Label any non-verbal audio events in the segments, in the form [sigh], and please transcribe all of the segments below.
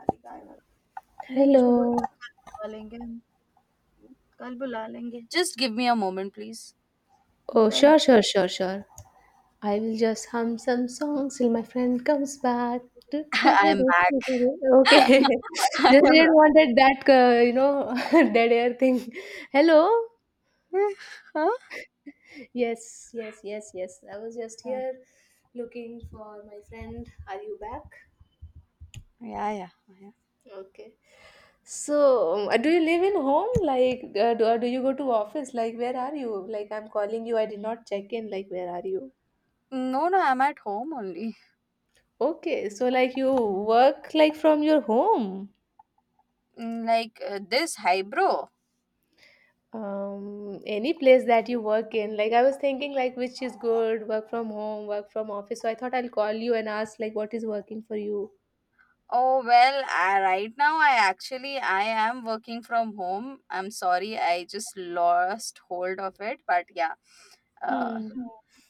अरे! काय झालं? नहीं, उसको Hello. बोला कल बुला लेंगे हम, कल बुला लेंगे। Just give me a moment, please. [laughs] Oh, कल. sure, sure, sure, sure. I will just hum some songs till my friend comes back. Do, do, I do, am do, back. do, do, do. [laughs] Okay. [laughs] Just I am didn't back. wanted that, [laughs] dead air thing. Hello. Huh? Yes, yes, yes, yes. I was just here looking for my friend. Are you back? Yeah, yeah, yeah. Okay. So, do you live in home? Like, do, or do you go to office? Like, where are you? Like, I'm calling you. I did not check in. Like, where are you? No, no, I'm at home only. Okay, so like you work like from your home. Like this, hi bro. Any place that you work in. Like I was thinking like which is good, work from home, work from office. So I thought I'll call you and ask like what is working for you. Oh well, right now I actually I am working from home. I'm sorry, I just lost hold of it, but yeah. Uh, Hmm.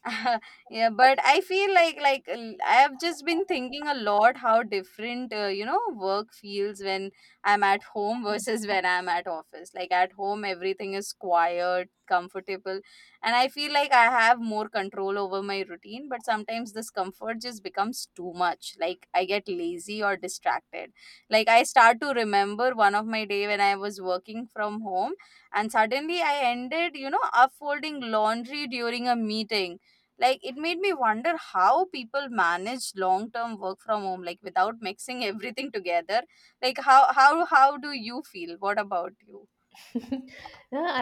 [laughs] yeah, but I feel like I have just been thinking a lot how different you know, work feels when I'm at home [laughs] versus when I'm at office. Like at home, everything is quiet, comfortable, and I feel like I have more control over my routine, but sometimes this comfort just becomes too much. Like I get lazy or distracted. Like I start to remember one of my day when I was working from home, and suddenly I ended, you know, upfolding laundry during a meeting. Like, it made me wonder how people manage long term work from home, like without mixing [laughs] everything together. Like how do you feel? What about you? [laughs] yeah,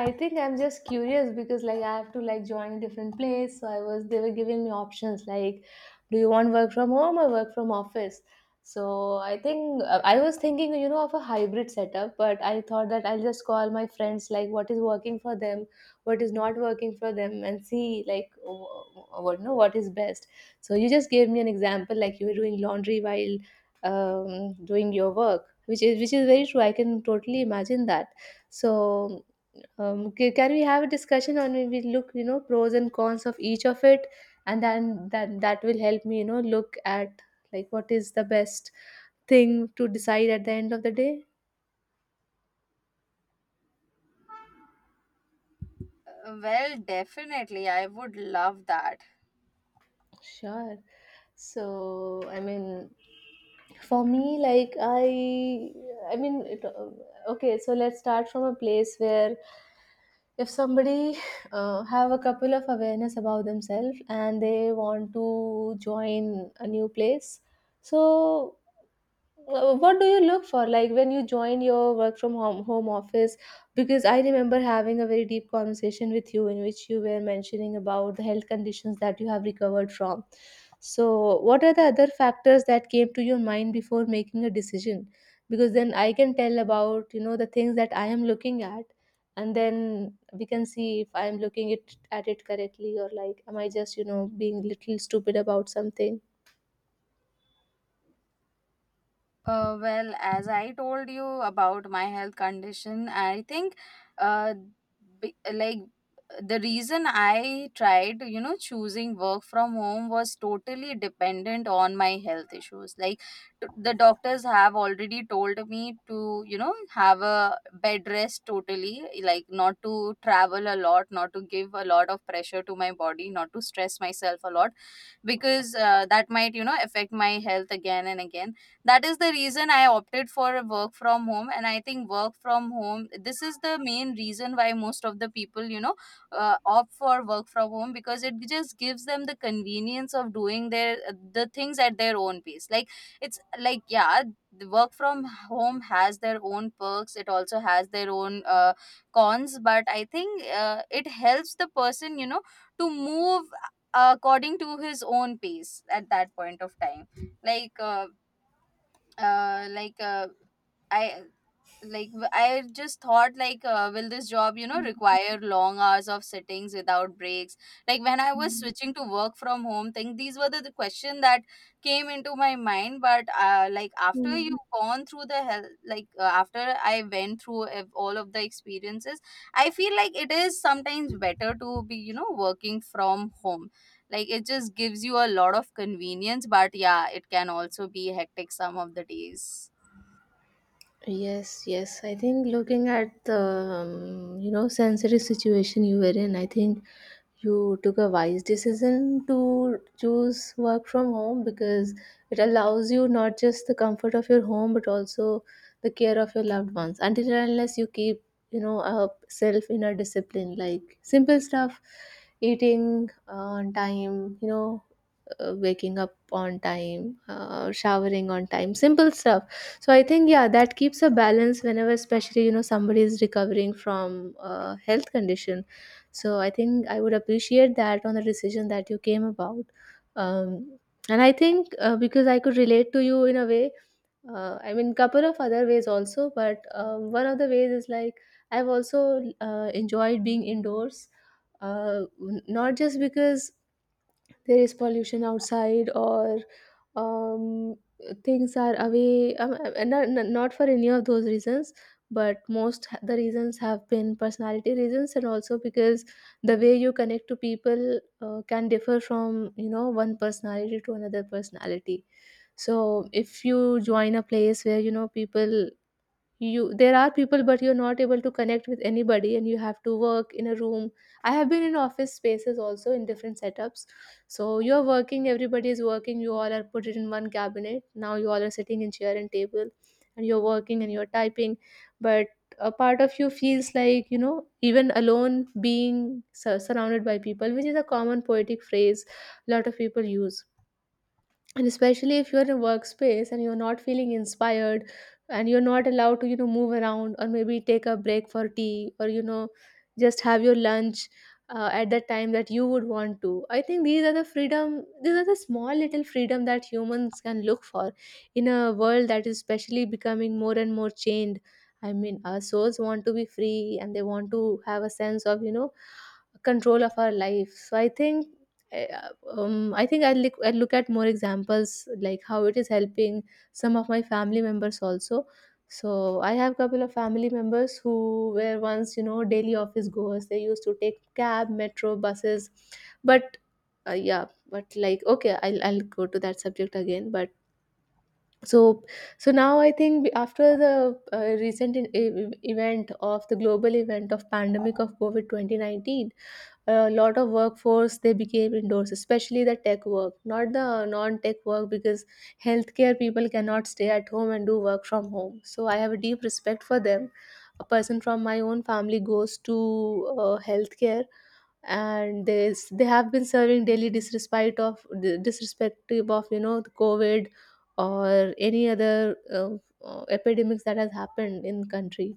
I think I'm just curious because like I have to like join a different place. So I was they were giving me options like, do you want work from home or work from office? So I think I was thinking of a hybrid setup, but I thought that I'll just call my friends like what is working for them, what is not working for them, and see like wh- what no what is best. So you just gave me an example like you were doing laundry while doing your work, which is very true. I can totally imagine that so, can we have a discussion on when we look, pros and cons of each of it, and then that will help me, look at like what is the best thing to decide at the end of the day. Well, definitely. I would love that. Sure. So, I mean, for me, I mean, it, uh, okay. So let's start from a place where if somebody have a couple of awareness about themselves and they want to join a new place so what do you look for like when you join your work from home office because I remember having a very deep conversation with you in which you were mentioning about the health conditions that you have recovered from. So what are the other factors that came to your mind before making a decision, because then I can tell about the things that I am looking at, and then we can see if I'm looking it at it correctly, or like am I just being little stupid about something. Well, as I told you about my health condition, I think, uh, like, the reason I tried, you know, choosing work from home was totally dependent on my health issues. Like the doctors have already told me to, you know, have a bed rest totally, like not to travel a lot, not to give a lot of pressure to my body, not to stress myself a lot, because that might, you know, affect my health again and again. That is the reason I opted for work from home, and I think work from home, this is the main reason why most of the people, you know, opt for work from home, because it just gives them the convenience of doing their the things at their own pace. Like, it's like, yeah, the work from home has their own perks. It also has their own cons. But I think it helps the person, you know, to move according to his own pace at that point of time. like uh, uh, like uh, I I just thought, like, will this job, you know, require long hours of sittings without breaks. Like when I was Mm. switching to work from home thing, these were the question that came into my mind. But like after Mm. you've gone through the hell, like after I went through all of the experiences, I feel like it is sometimes better to be, you know, working from home. Like it just gives you a lot of convenience, but yeah, it can also be hectic some of the days. Yes, yes. I think looking at the you know sensitive situation you were in, I think you took a wise decision to choose work from home, because it allows you not just the comfort of your home, but also the care of your loved ones. Until and unless you keep a self inner discipline, like simple stuff, eating on time, you know, waking up on time, showering on time, simple stuff. So I think yeah, that keeps a balance whenever, especially you know, somebody is recovering from a health condition. So I think I would appreciate that on the decision that you came about. Um, and I think because I could relate to you in a way, I mean, couple of other ways also, but one of the ways is like I've also enjoyed being indoors, not just because there is pollution outside, or um, things are away, not for any of those reasons, but the reasons have been personality reasons, and also because the way you connect to people can differ from one personality to another personality. So if you join a place where you know people, you there are people but you're not able to connect with anybody, and you have to work in a room. I have been in office spaces also in different setups. So you're working, everybody is working, you all are put in one cabinet, now you all are sitting in chair and table, and you're working and you're typing. But a part of you feels like even alone being surrounded by people, which is a common poetic phrase a lot of people use. And especially if you're in a workspace and you're not feeling inspired, and you're not allowed to move around, or maybe take a break for tea, or just have your lunch at the time that you would want to. I think these are the freedom, these are the small little freedom that humans can look for in a world that is especially becoming more and more chained. I mean, our souls want to be free, and they want to have a sense of control of our life. So I think I'll look at more examples like how it is helping some of my family members also. So I have couple of family members who were once, you know, daily office goers. They used to take cab, metro, buses, but yeah, but like okay, I'll go to that subject again. But so so now I think after the recent event of the global event of pandemic of covid 2019, a lot of workforce they became indoors, especially the tech work not the non tech work, because healthcare people cannot stay at home and do work from home, so I have a deep respect for them. A person from my own family goes to healthcare, and they have been serving daily disrespect of disrespective of the covid or any other epidemics that has happened in country.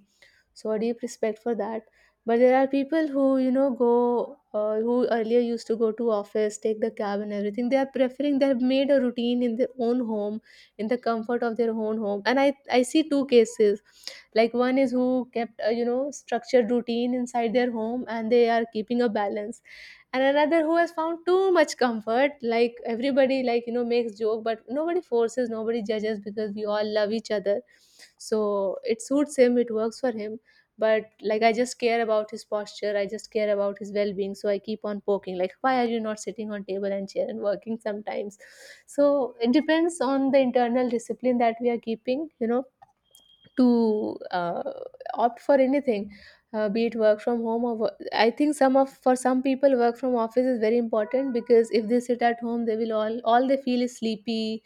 So a deep respect for that. But there are people who you know go who earlier used to go to office, take the cab and everything, they are preferring, they have made a routine in their own home, in the comfort of their own home. And I see two cases, like one is who kept a you know structured routine inside their home and they are keeping a balance, and another who has found too much comfort, like everybody like you know makes joke, but nobody forces, nobody judges, because we all love each other. So it suits him, it works for him. But like I just care about his posture, I just care about his well-being, so I keep on poking like, why are you not sitting on table and chair and working sometimes? So it depends on the internal discipline that we are keeping you know to opt for anything, be it work from home or I think some of for some people work from office is very important, because if they sit at home they will all they feel is sleepy.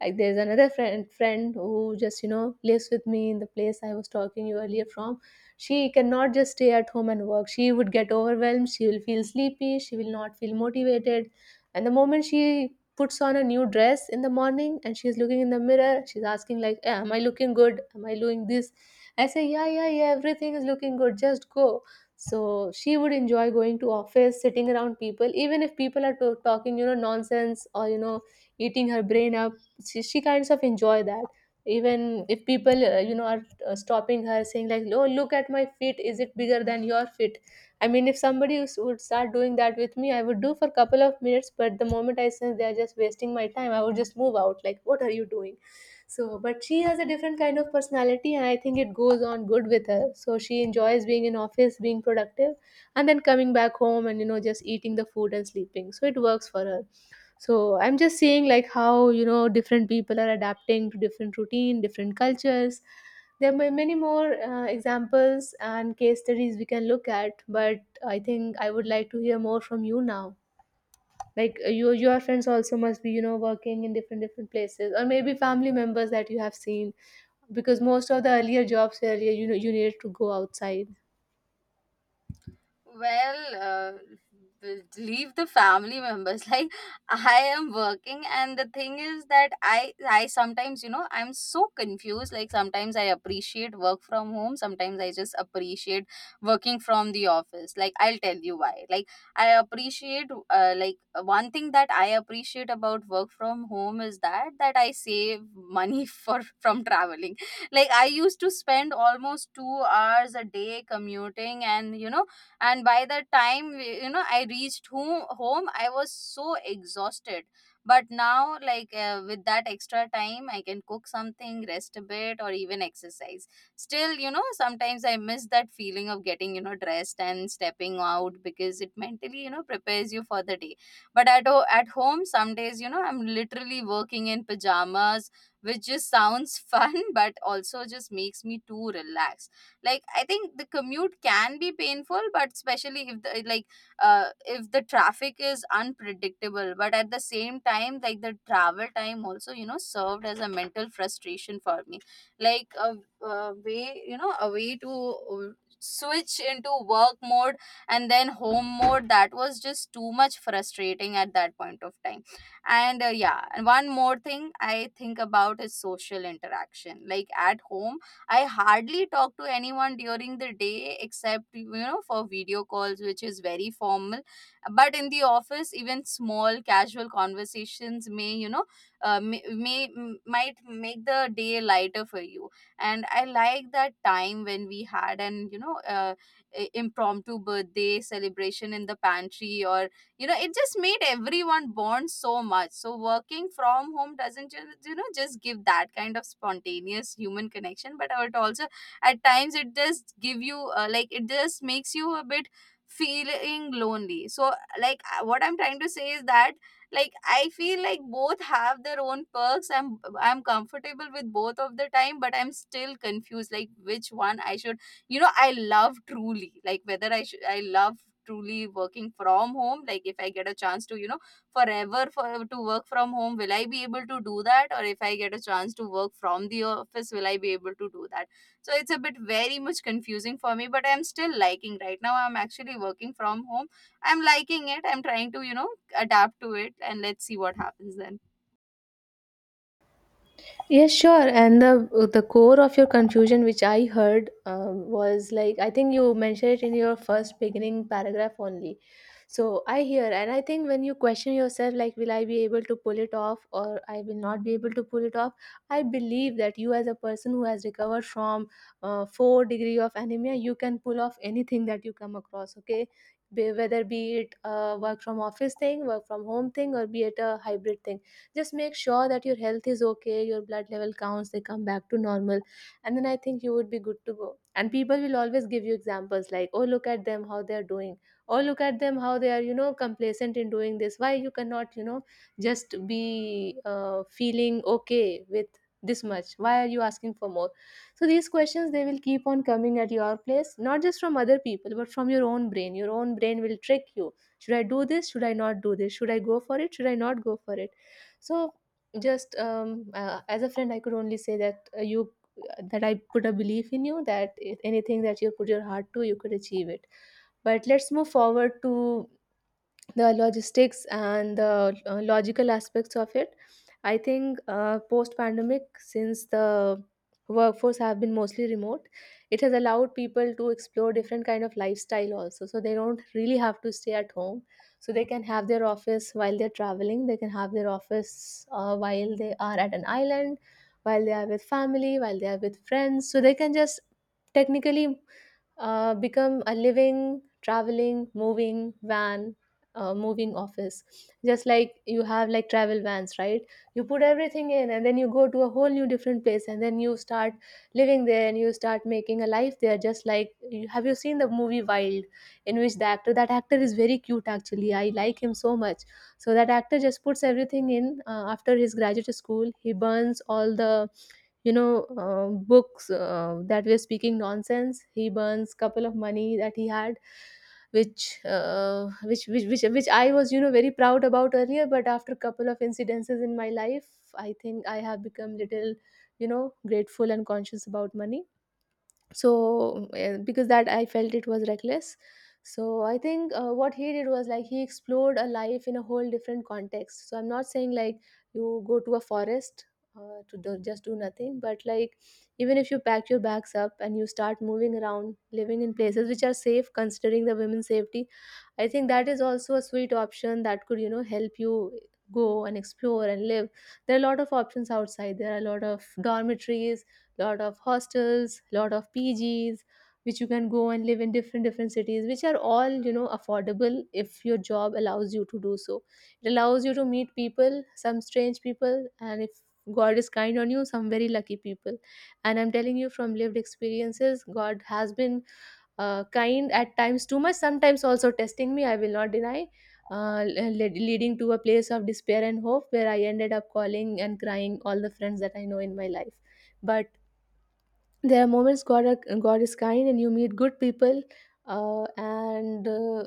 Like there's another friend who just you know lives with me in the place I was talking you earlier from. She cannot just stay at home and work, she would get overwhelmed, she will feel sleepy, she will not feel motivated. And the moment she puts on a new dress in the morning and she's looking in the mirror, she's asking like, "Eh, Am I looking good? Am I doing this?" I say, "Yeah, yeah, yeah. Everything is looking good. Just go." So she would enjoy going to office, sitting around people, even if people are talking, you know, nonsense, or you know, eating her brain up. She kinds of enjoy that. Even if people, are stopping her, saying like, "Oh, look at my feet. Is it bigger than your feet?" I mean, if would start doing that with me, I would do for a couple of minutes, but the moment I sense they are just wasting my time, I would just move out. Like, what are you doing? So, but she has a different kind of personality, and I think it goes on good with her. So she enjoys being in office, being productive, and then coming back home, and you know just eating the food and sleeping. So it works for her. So I'm just seeing like how you know different people are adapting to different routine, different cultures. There are many more examples and case studies we can look at, but I think I would like to hear more from you now. Like your friends also must be you know working in different different places, or maybe family members that you have seen, because most of the earlier jobs were earlier you know you needed to go outside. Well, leave the family members. [laughs] Like, I am working, and the thing is that I sometimes, you know, I'm so confused. Like, sometimes I appreciate work from home. Sometimes I just appreciate working from the office. Like, I'll tell you why. Like, I appreciate like one thing that I appreciate about work from home is that I save money [laughs] for from traveling. Like, I used to spend almost 2 hours a day commuting, and you know, and by the time, you know, I reached home, I was so exhausted. But now, like, with that extra time I can cook something, rest a bit, or even exercise. Still, you know, sometimes I miss that feeling of getting, you know, dressed and stepping out, because it mentally, you know, prepares you for the day. But at home some days, you know, I'm literally working in pajamas, which just sounds [laughs] fun, but also just makes me too relaxed. Like, I think the commute can be painful, but especially if the like if the traffic is unpredictable. But at the same time, like, the travel time also, you know, served as a mental frustration for me. Like a way, you know, a way to switch into work mode and then home mode. That was just too much frustrating at that point of time. And yeah, and one more thing I think about is social interaction. Like, at home, I hardly talk to anyone during the day except, you know, for video calls, which is very formal. But in the office, even small casual conversations may, you know, may m- might make the day lighter for you. And I like that time when we had an, impromptu birthday celebration in the pantry, or you know, it just made everyone bond so much. So working from home doesn't you know, just give that kind of spontaneous human connection, but it also at times it just give you like it just makes you a bit feeling lonely. So, like, what I'm trying to say is that, like, I feel like both have their own perks. I'm comfortable with both of the time, but I'm still confused like which one I should, you know, I love, truly, like whether I should, I love truly working from home. Like, if I get a chance to, you know, forever to work from home, will I be able to do that? Or if I get a chance to work from the office, will I be able to do that? So it's a bit very much confusing for me, but I'm still liking right now. I'm actually working from home. I'm liking it. I'm trying to, you know, adapt to it, and let's see what happens then. Yes, sure. And the core of your confusion, which I heard, was like I think you mentioned it in your first beginning paragraph only. So I hear, and I think when you question yourself, like, will I be able to pull it off, or I will not be able to pull it off? I believe that you, as a person who has recovered from four degree of anemia, you can pull off anything that you come across. Okay, whether be it a work from office thing, work from home thing, or be it a hybrid thing, just make sure that your health is okay, your blood level counts, they come back to normal, and then I think you would be good to go. And people will always give you examples like, oh, look at them how they are doing. Oh, look at them how they are, you know, complacent in doing this. Why you cannot, you know, just be feeling okay with this much? Why are you asking for more? So these questions, they will keep on coming at your place, not just from other people but from your own brain. Your own brain will trick you. Should I do this? Should I not do this? Should I go for it? Should I not go for it? So just, as a friend, I could only say that you that I put a belief in you, that anything that you put your heart to, you could achieve it. But let's move forward to the logistics and the logical aspects of it. I think, post pandemic, since the workforce have been mostly remote, it has allowed people to explore different kind of lifestyle also, so they don't really have to stay at home. So they can have their office while they're traveling, they can have their office while they are at an island, while they are with family, while they are with friends, so they can just technically become a living, traveling, moving van, moving office. Just like you have like travel vans, right? You put everything in and then you go to a whole new different place and then you start living there and you start making a life there. Just like you, have you seen the movie Wild, in which the actor that actor is very cute actually. I like him so much. So that actor just puts everything in, after his graduate school. He burns all the you know uh, books that were speaking nonsense. He burns couple of money that he had, which I was, you know, very proud about earlier, but after couple of incidences in my life I think I have become little, you know, grateful and conscious about money. So, because that I felt it was reckless. So I think, what he did was like he explored a life in a whole different context. So I'm not saying like you go to a forest to do, just do nothing, but like even if you pack your bags up and you start moving around, living in places which are safe considering the women's safety, I think that is also a sweet option that could, you know, help you go and explore and live. There are a lot of options outside. There are a lot of dormitories, lot of hostels, lot of PGs, which you can go and live in different different cities, which are all, you know, affordable if your job allows you to do so. It allows you to meet people, some strange people, and if God is kind on you, some very lucky people. And I'm telling you from lived experiences, God has been kind at times, too much sometimes, also testing me, I will not deny, leading to a place of despair and hope where I ended up calling and crying all the friends that I know in my life. But there are moments God is kind and you meet good people. And uh,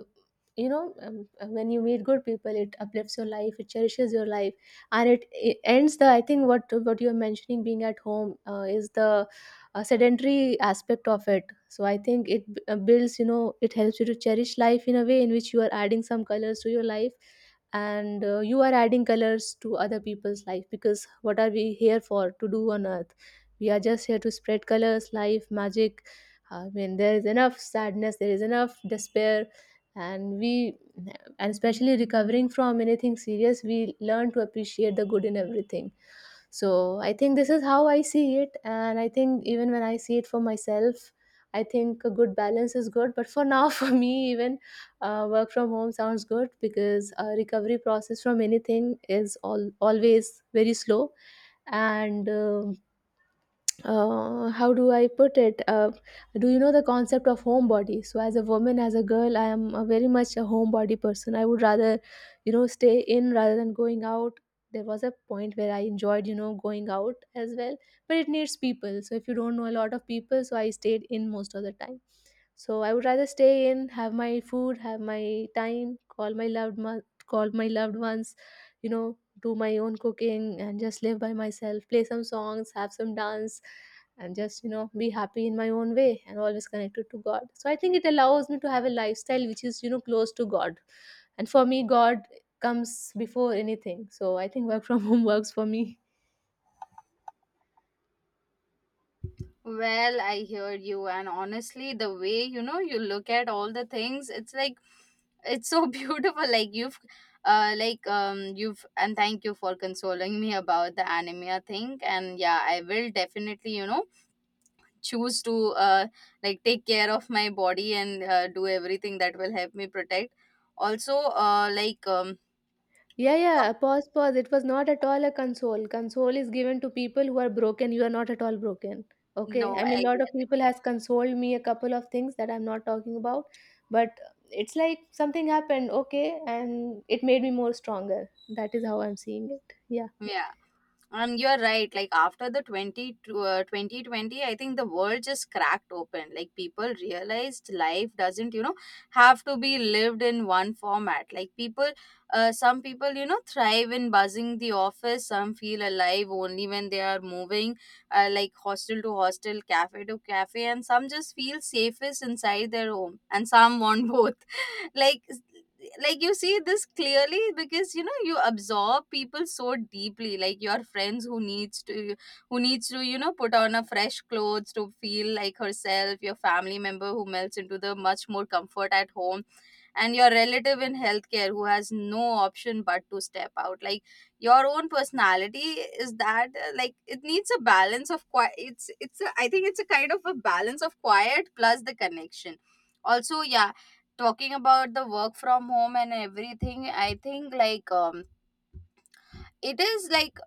you know um, uh, when you meet good people, it uplifts your life, it cherishes your life. And it ends the, I think what you're mentioning being at home is the sedentary aspect of it. So I think it builds, you know, it helps you to cherish life in a way in which you are adding some colors to your life. And you are adding colors to other people's life, because what are we here for to do on earth? We are just here to spread colors, life, magic. I mean, there is enough sadness, there is enough despair, and we, and especially recovering from anything serious, we learn to appreciate the good in everything. So I think this is how I see it, and I think even when I see it for myself, I think a good balance is good, but for now [laughs] for me even, work from home sounds good because recovery process from anything is always very slow. And how do I put it? Do you know the concept of homebody? So, as a woman, as a girl, I am a very much a homebody person. I would rather, you know, stay in rather than going out. There was a point where I enjoyed, you know, going out as well, but it needs people. So, if you don't know a lot of people, so I stayed in most of the time. So, I would rather stay in, have my food, have my time, call my loved ones, you know, do my own cooking and just live by myself, play some songs, have some dance and just, you know, be happy in my own way and always connected to God, so I think it allows me to have a lifestyle which is, you know, close to God. And for me, God comes before anything, so I think work from [laughs] home works for me. Well, I hear you, and honestly, the way, you know, you look at all the things, it's like, it's so [laughs] beautiful. Like, you've, and thank you for consoling me about the anemia thing. And yeah, I will definitely, you know, choose to like take care of my body, and do everything that will help me protect. Also, Yeah, yeah. Pause, pause. It was not at all a console. Console is given to people who are broken. You are not at all broken. Okay, no, I mean I a get lot of it. people has consoled me a couple of things that I'm not talking about. But it's like something happened, okay, and it made me more stronger. That is how I'm seeing it. Yeah. Yeah. And you're right. Like, after 2020, I think the world just cracked open. Like, people realized life doesn't, you know, have to be lived in one format. Like, people, some people, you know, thrive in buzzing the office. Some feel alive only when they are moving, like hostel to hostel, cafe to cafe. And some just feel safest inside their home. And some want [laughs] both. like like, you see this clearly because you know, you absorb people so deeply. Like, your friends who needs to, you know, put on a fresh clothes to feel like herself, your family member who melts into the much more comfort at home, and your relative in healthcare who has no option but to step out. Like, your own personality is that, like, it needs a balance of quiet. I think it's a kind of a balance of quiet plus the connection also. Yeah, talking about the work from home and everything, I think, like, it is like,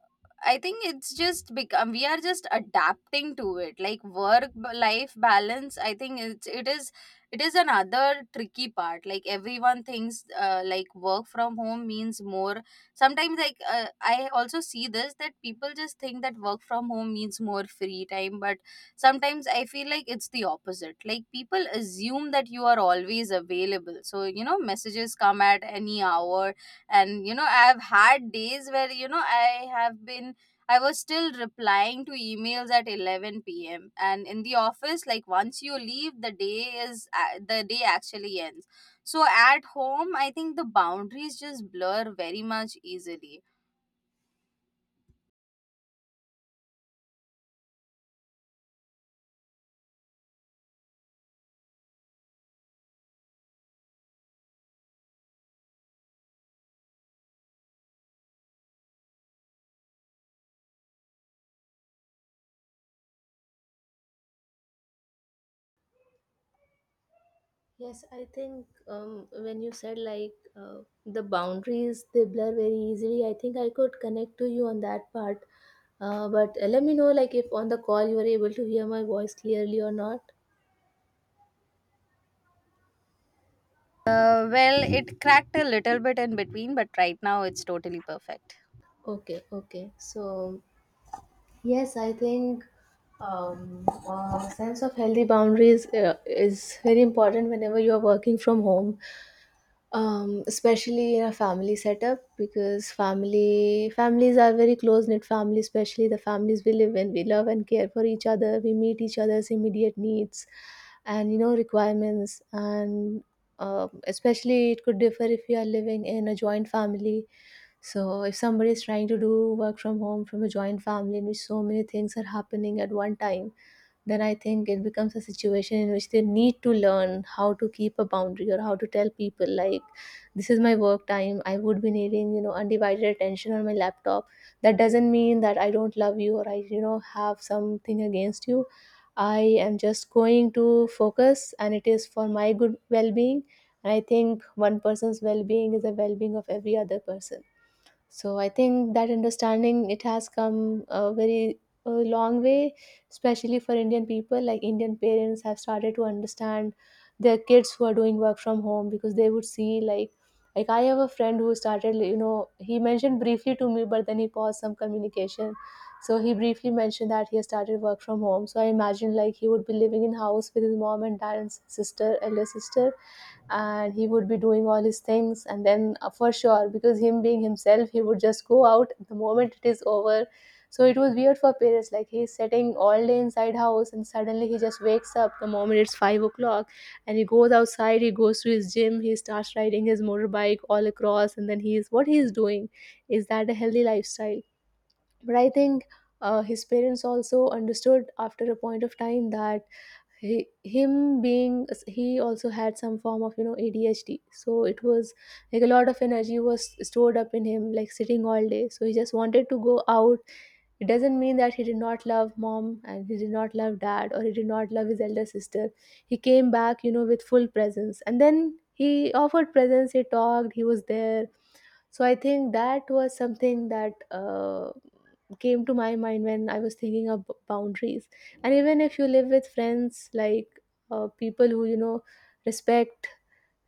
I think it's just become, we are just adapting to it. Like, work life balance, I think it's it is another tricky part. Like, everyone thinks like work from home means more sometimes. Like, I also see this that people just think that work from home means more free time, but sometimes I feel like it's the opposite. Like, people assume that you are always available, so you know, messages come at any hour. And you know, I've had days where, you know, I have been I was still replying to emails at 11 p.m., and in the office, like, once you leave, the day actually ends. So at home, I think the boundaries just blur very much easily. Yes, I think, when you said like the boundaries they blur very easily, I think I could connect to you on that part. But let me know like if on the call you were able to hear my voice clearly or not. Uh, well, it cracked a little bit in between, but right now it's totally perfect. Okay, okay. So yes, I think, sense of healthy boundaries is very important whenever you are working from home. Especially in a family setup, because family families are very close knit families, especially the families we live in. We love and care for each other. We meet each other's immediate needs and, you know, requirements, and especially, it could differ if you are living in a joint family. So if somebody is trying to do work from home from a joint family in which so many things are happening at one time, then I think it becomes a situation in which they need to learn how to keep a boundary or how to tell people like, this is my work time. I would be needing, you know, undivided attention on my laptop. That doesn't mean that I don't love you or I, you know, have something against you. I am just going to focus and it is for my good well being. And I think one person's well being is the well being of every other person. So I think that understanding it has come a very, a long way, especially for Indian people. Like Indian parents have started to understand their kids who are doing work from home because they would see like I have a friend who started, you know, he mentioned briefly to me, but then he paused some communication. So he briefly mentioned that he has started work from home. So I imagine like he would be living in house with his mom and dad and sister, elder sister, and he would be doing all his things. And then for sure, because him being himself, he would just go out the moment it is over. So it was weird for parents, like he's sitting all day inside house and suddenly he just wakes up the moment it's 5 o'clock, and he goes outside, he goes to his gym, he starts riding his motorbike all across. And then he's what he's doing, is that a healthy lifestyle? But I think, his parents also understood after a point of time that he, him being he also had some form of, ADHD. So it was like a lot of energy was stored up in him, like sitting all day, so he just wanted to go out. It doesn't mean that he did not love mom and he did not love dad or he did not love his elder sister. He came back, you know, with full presence, and then he offered presents, he talked, he was there. So I think that was something that came to my mind when I was thinking of boundaries. And even if you live with friends, like people who, respect,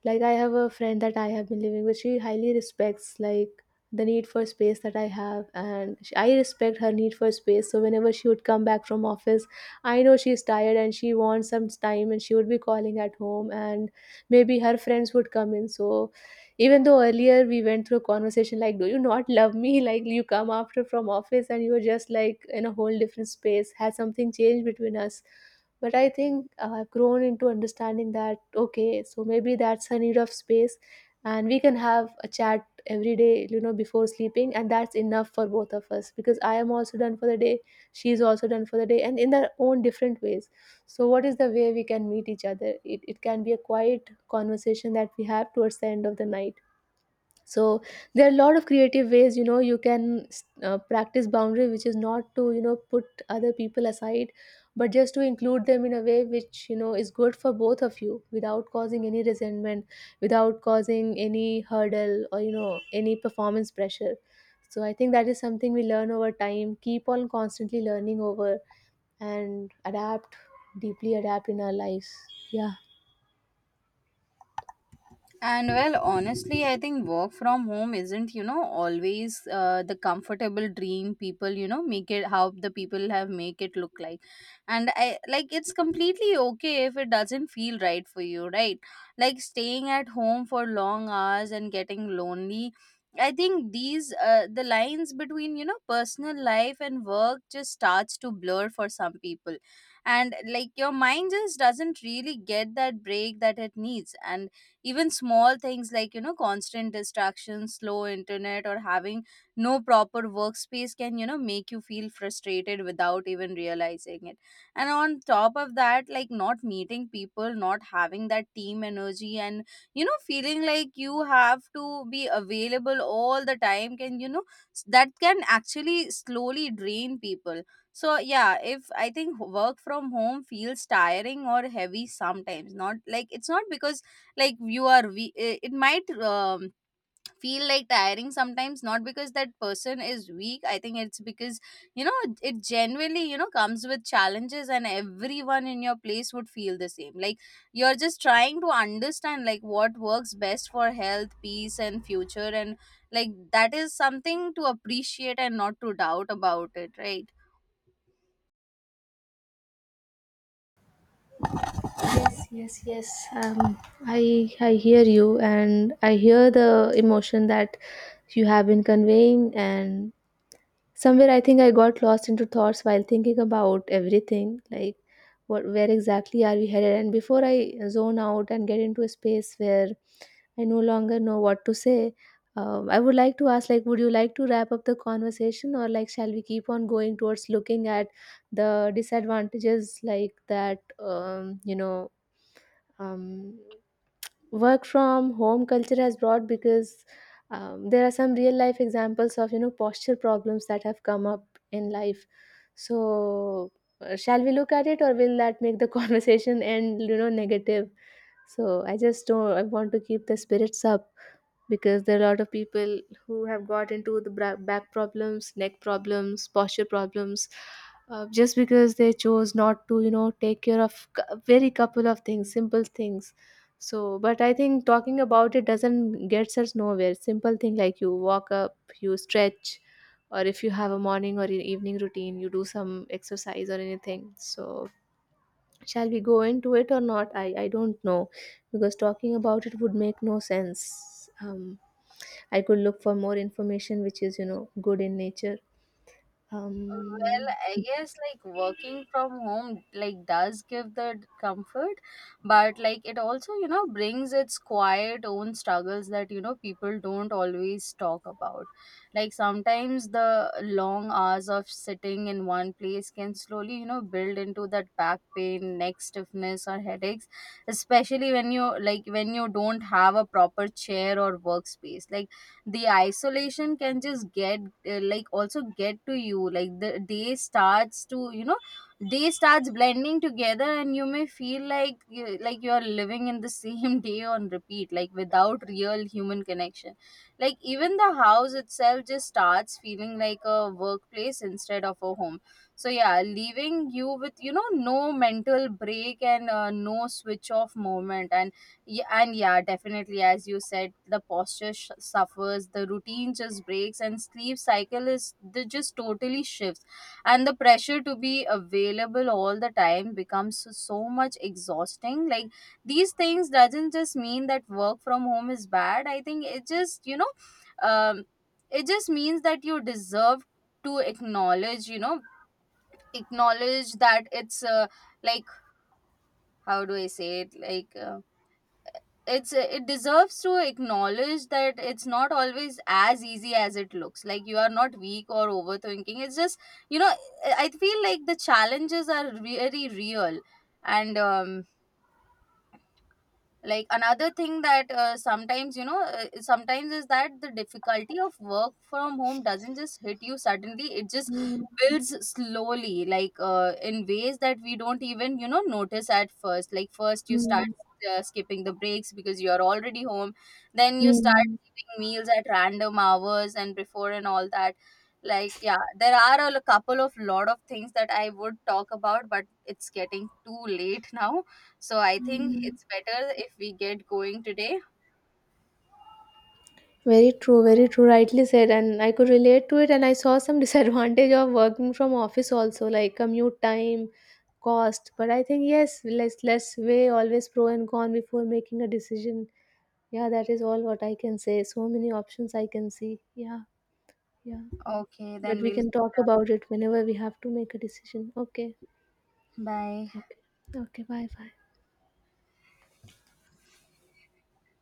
like I have a friend that I have been living with. She highly respects, like, the need for space that I have, and I respect her need for space. So whenever she would come back from office, I know she's tired and she wants some time, and she would be calling at home, and maybe her friends would come in. So even though earlier we went through a conversation like, do you not love me [laughs] like you come after from office and you were just like in a whole different space, has something changed between us? But I think, I've grown into understanding that okay, so maybe that's a need of space, and we can have a chat every day, before sleeping, and that's enough for both of us because I am also done for the day, she's also done for the day, and in their own different ways. So what is the way we can meet each other? It can be a quiet conversation that we have towards the end of the night. So there are a lot of creative ways, you know, you can practice boundary, which is not to, put other people aside, but just to include them in a way which, is good for both of you, without causing any resentment, without causing any hurdle or, any performance pressure. So I think that is something we learn over time, keep on constantly learning over, and adapt, deeply adapt in our lives. Yeah. And well, honestly, I think work from home isn't, you know, always the comfortable dream people, you know, make it how the people have make it look like. And I like, it's completely okay if it doesn't feel right for you, right? Like staying at home for long hours and getting lonely. I think these the lines between, you know, personal life and work just starts to blur for some people. And like, your mind just doesn't really get that break that it needs. And even small things like, you know, constant distractions, slow internet, or having no proper workspace can, you know, make you feel frustrated without even realizing it. And on top of that, like, not meeting people, not having that team energy, and you know, feeling like you have to be available all the time can, you know, that can actually slowly drain people. So yeah, if I think work from home feels tiring or heavy sometimes, not like, it's not because like you are, we it it might feel like tiring sometimes, not because that person is weak. I think it's because, you know, it genuinely, you know, comes with challenges, and everyone in your place would feel the same. Like, you're just trying to understand like what works best for health, peace, and future, and like, that is something to appreciate and not to doubt about it, right? Yes, yes, yes. Um, I hear you, and I hear the emotion that you have been conveying. And somewhere, I think I got lost into thoughts while thinking about everything, like where exactly are we headed? And before I zone out and get into a space where I no longer know what to say, I would like to ask, like, would you like to wrap up the conversation, or like, shall we keep on going towards looking at the disadvantages, like that, um, work from home culture has brought? Because there are some real life examples of, posture problems that have come up in life. So shall we look at it, or will that make the [laughs] conversation end, negative? So I just don't, I want to keep the spirits up, because there are a lot of people who have got into the back problems, neck problems, posture problems, just because they chose not to, take care of very couple of things, simple things. So but I think talking about it doesn't gets us nowhere. Simple thing, like you walk up, you stretch, or if you have a morning or an evening routine, you do some exercise or anything. So shall we go into it or not? I don't know, because talking about it would make no sense. um I could look for more information which is, you know, good in nature. Well, Um, I guess like, working from home, like, does give the comfort, but like, it also, you know, brings its quiet own struggles that, you know, people don't always talk about. Like, sometimes the long hours of sitting in one place can slowly, you know, build into that back pain, neck stiffness, or headaches, especially when you like, when you don't have a proper chair or workspace. Like, the isolation can just get, like, also get to you. Like, the day starts to, you know, day starts blending together, and you may feel like like, you are living in the same [laughs] day on repeat, like, without real human connection. Like, even the house itself just starts feeling like a workplace instead of a home. So yeah, leaving you with, you know, no mental break, and no switch off moment. And yeah, and yeah, definitely, as you said, the posture suffers, the routine just breaks, and sleep cycle is the just totally shifts, and the pressure to be available all the time becomes so so much exhausting. Like, these things doesn't just mean that work from home is bad. I think it just, you know, um, it just means that you deserve to acknowledge, you know, acknowledge that it's like how do I say it, like. It's, it deserves to acknowledge that it's not always as easy as it looks. Like, you are not weak or overthinking. It's just, you know, I feel like the challenges are very real. And like, another thing that sometimes you know sometimes is that the difficulty of work from home doesn't just hit you suddenly. It just Mm, builds slowly, like, in ways that we don't even, you know, notice at first. Like, first you start mm, skipping the breaks because you're already home, then you start mm, eating meals at random hours and before and all that. Like, yeah, there are a couple of lot of things that I would talk about, but it's getting too late [laughs] now. So I think mm. it's better if we get going today. Very true, very true. Rightly said, and I could relate to it. And I saw some [laughs] disadvantage of working from office also, like commute time, cost. But I think yes, let's weigh always pro and con before making a decision. Yeah, that is all what I can say. So many options I can see. Yeah, yeah. Okay, But then we we'll can talk about it whenever we have to make a decision. Okay, bye. okay, okay. Bye, bye.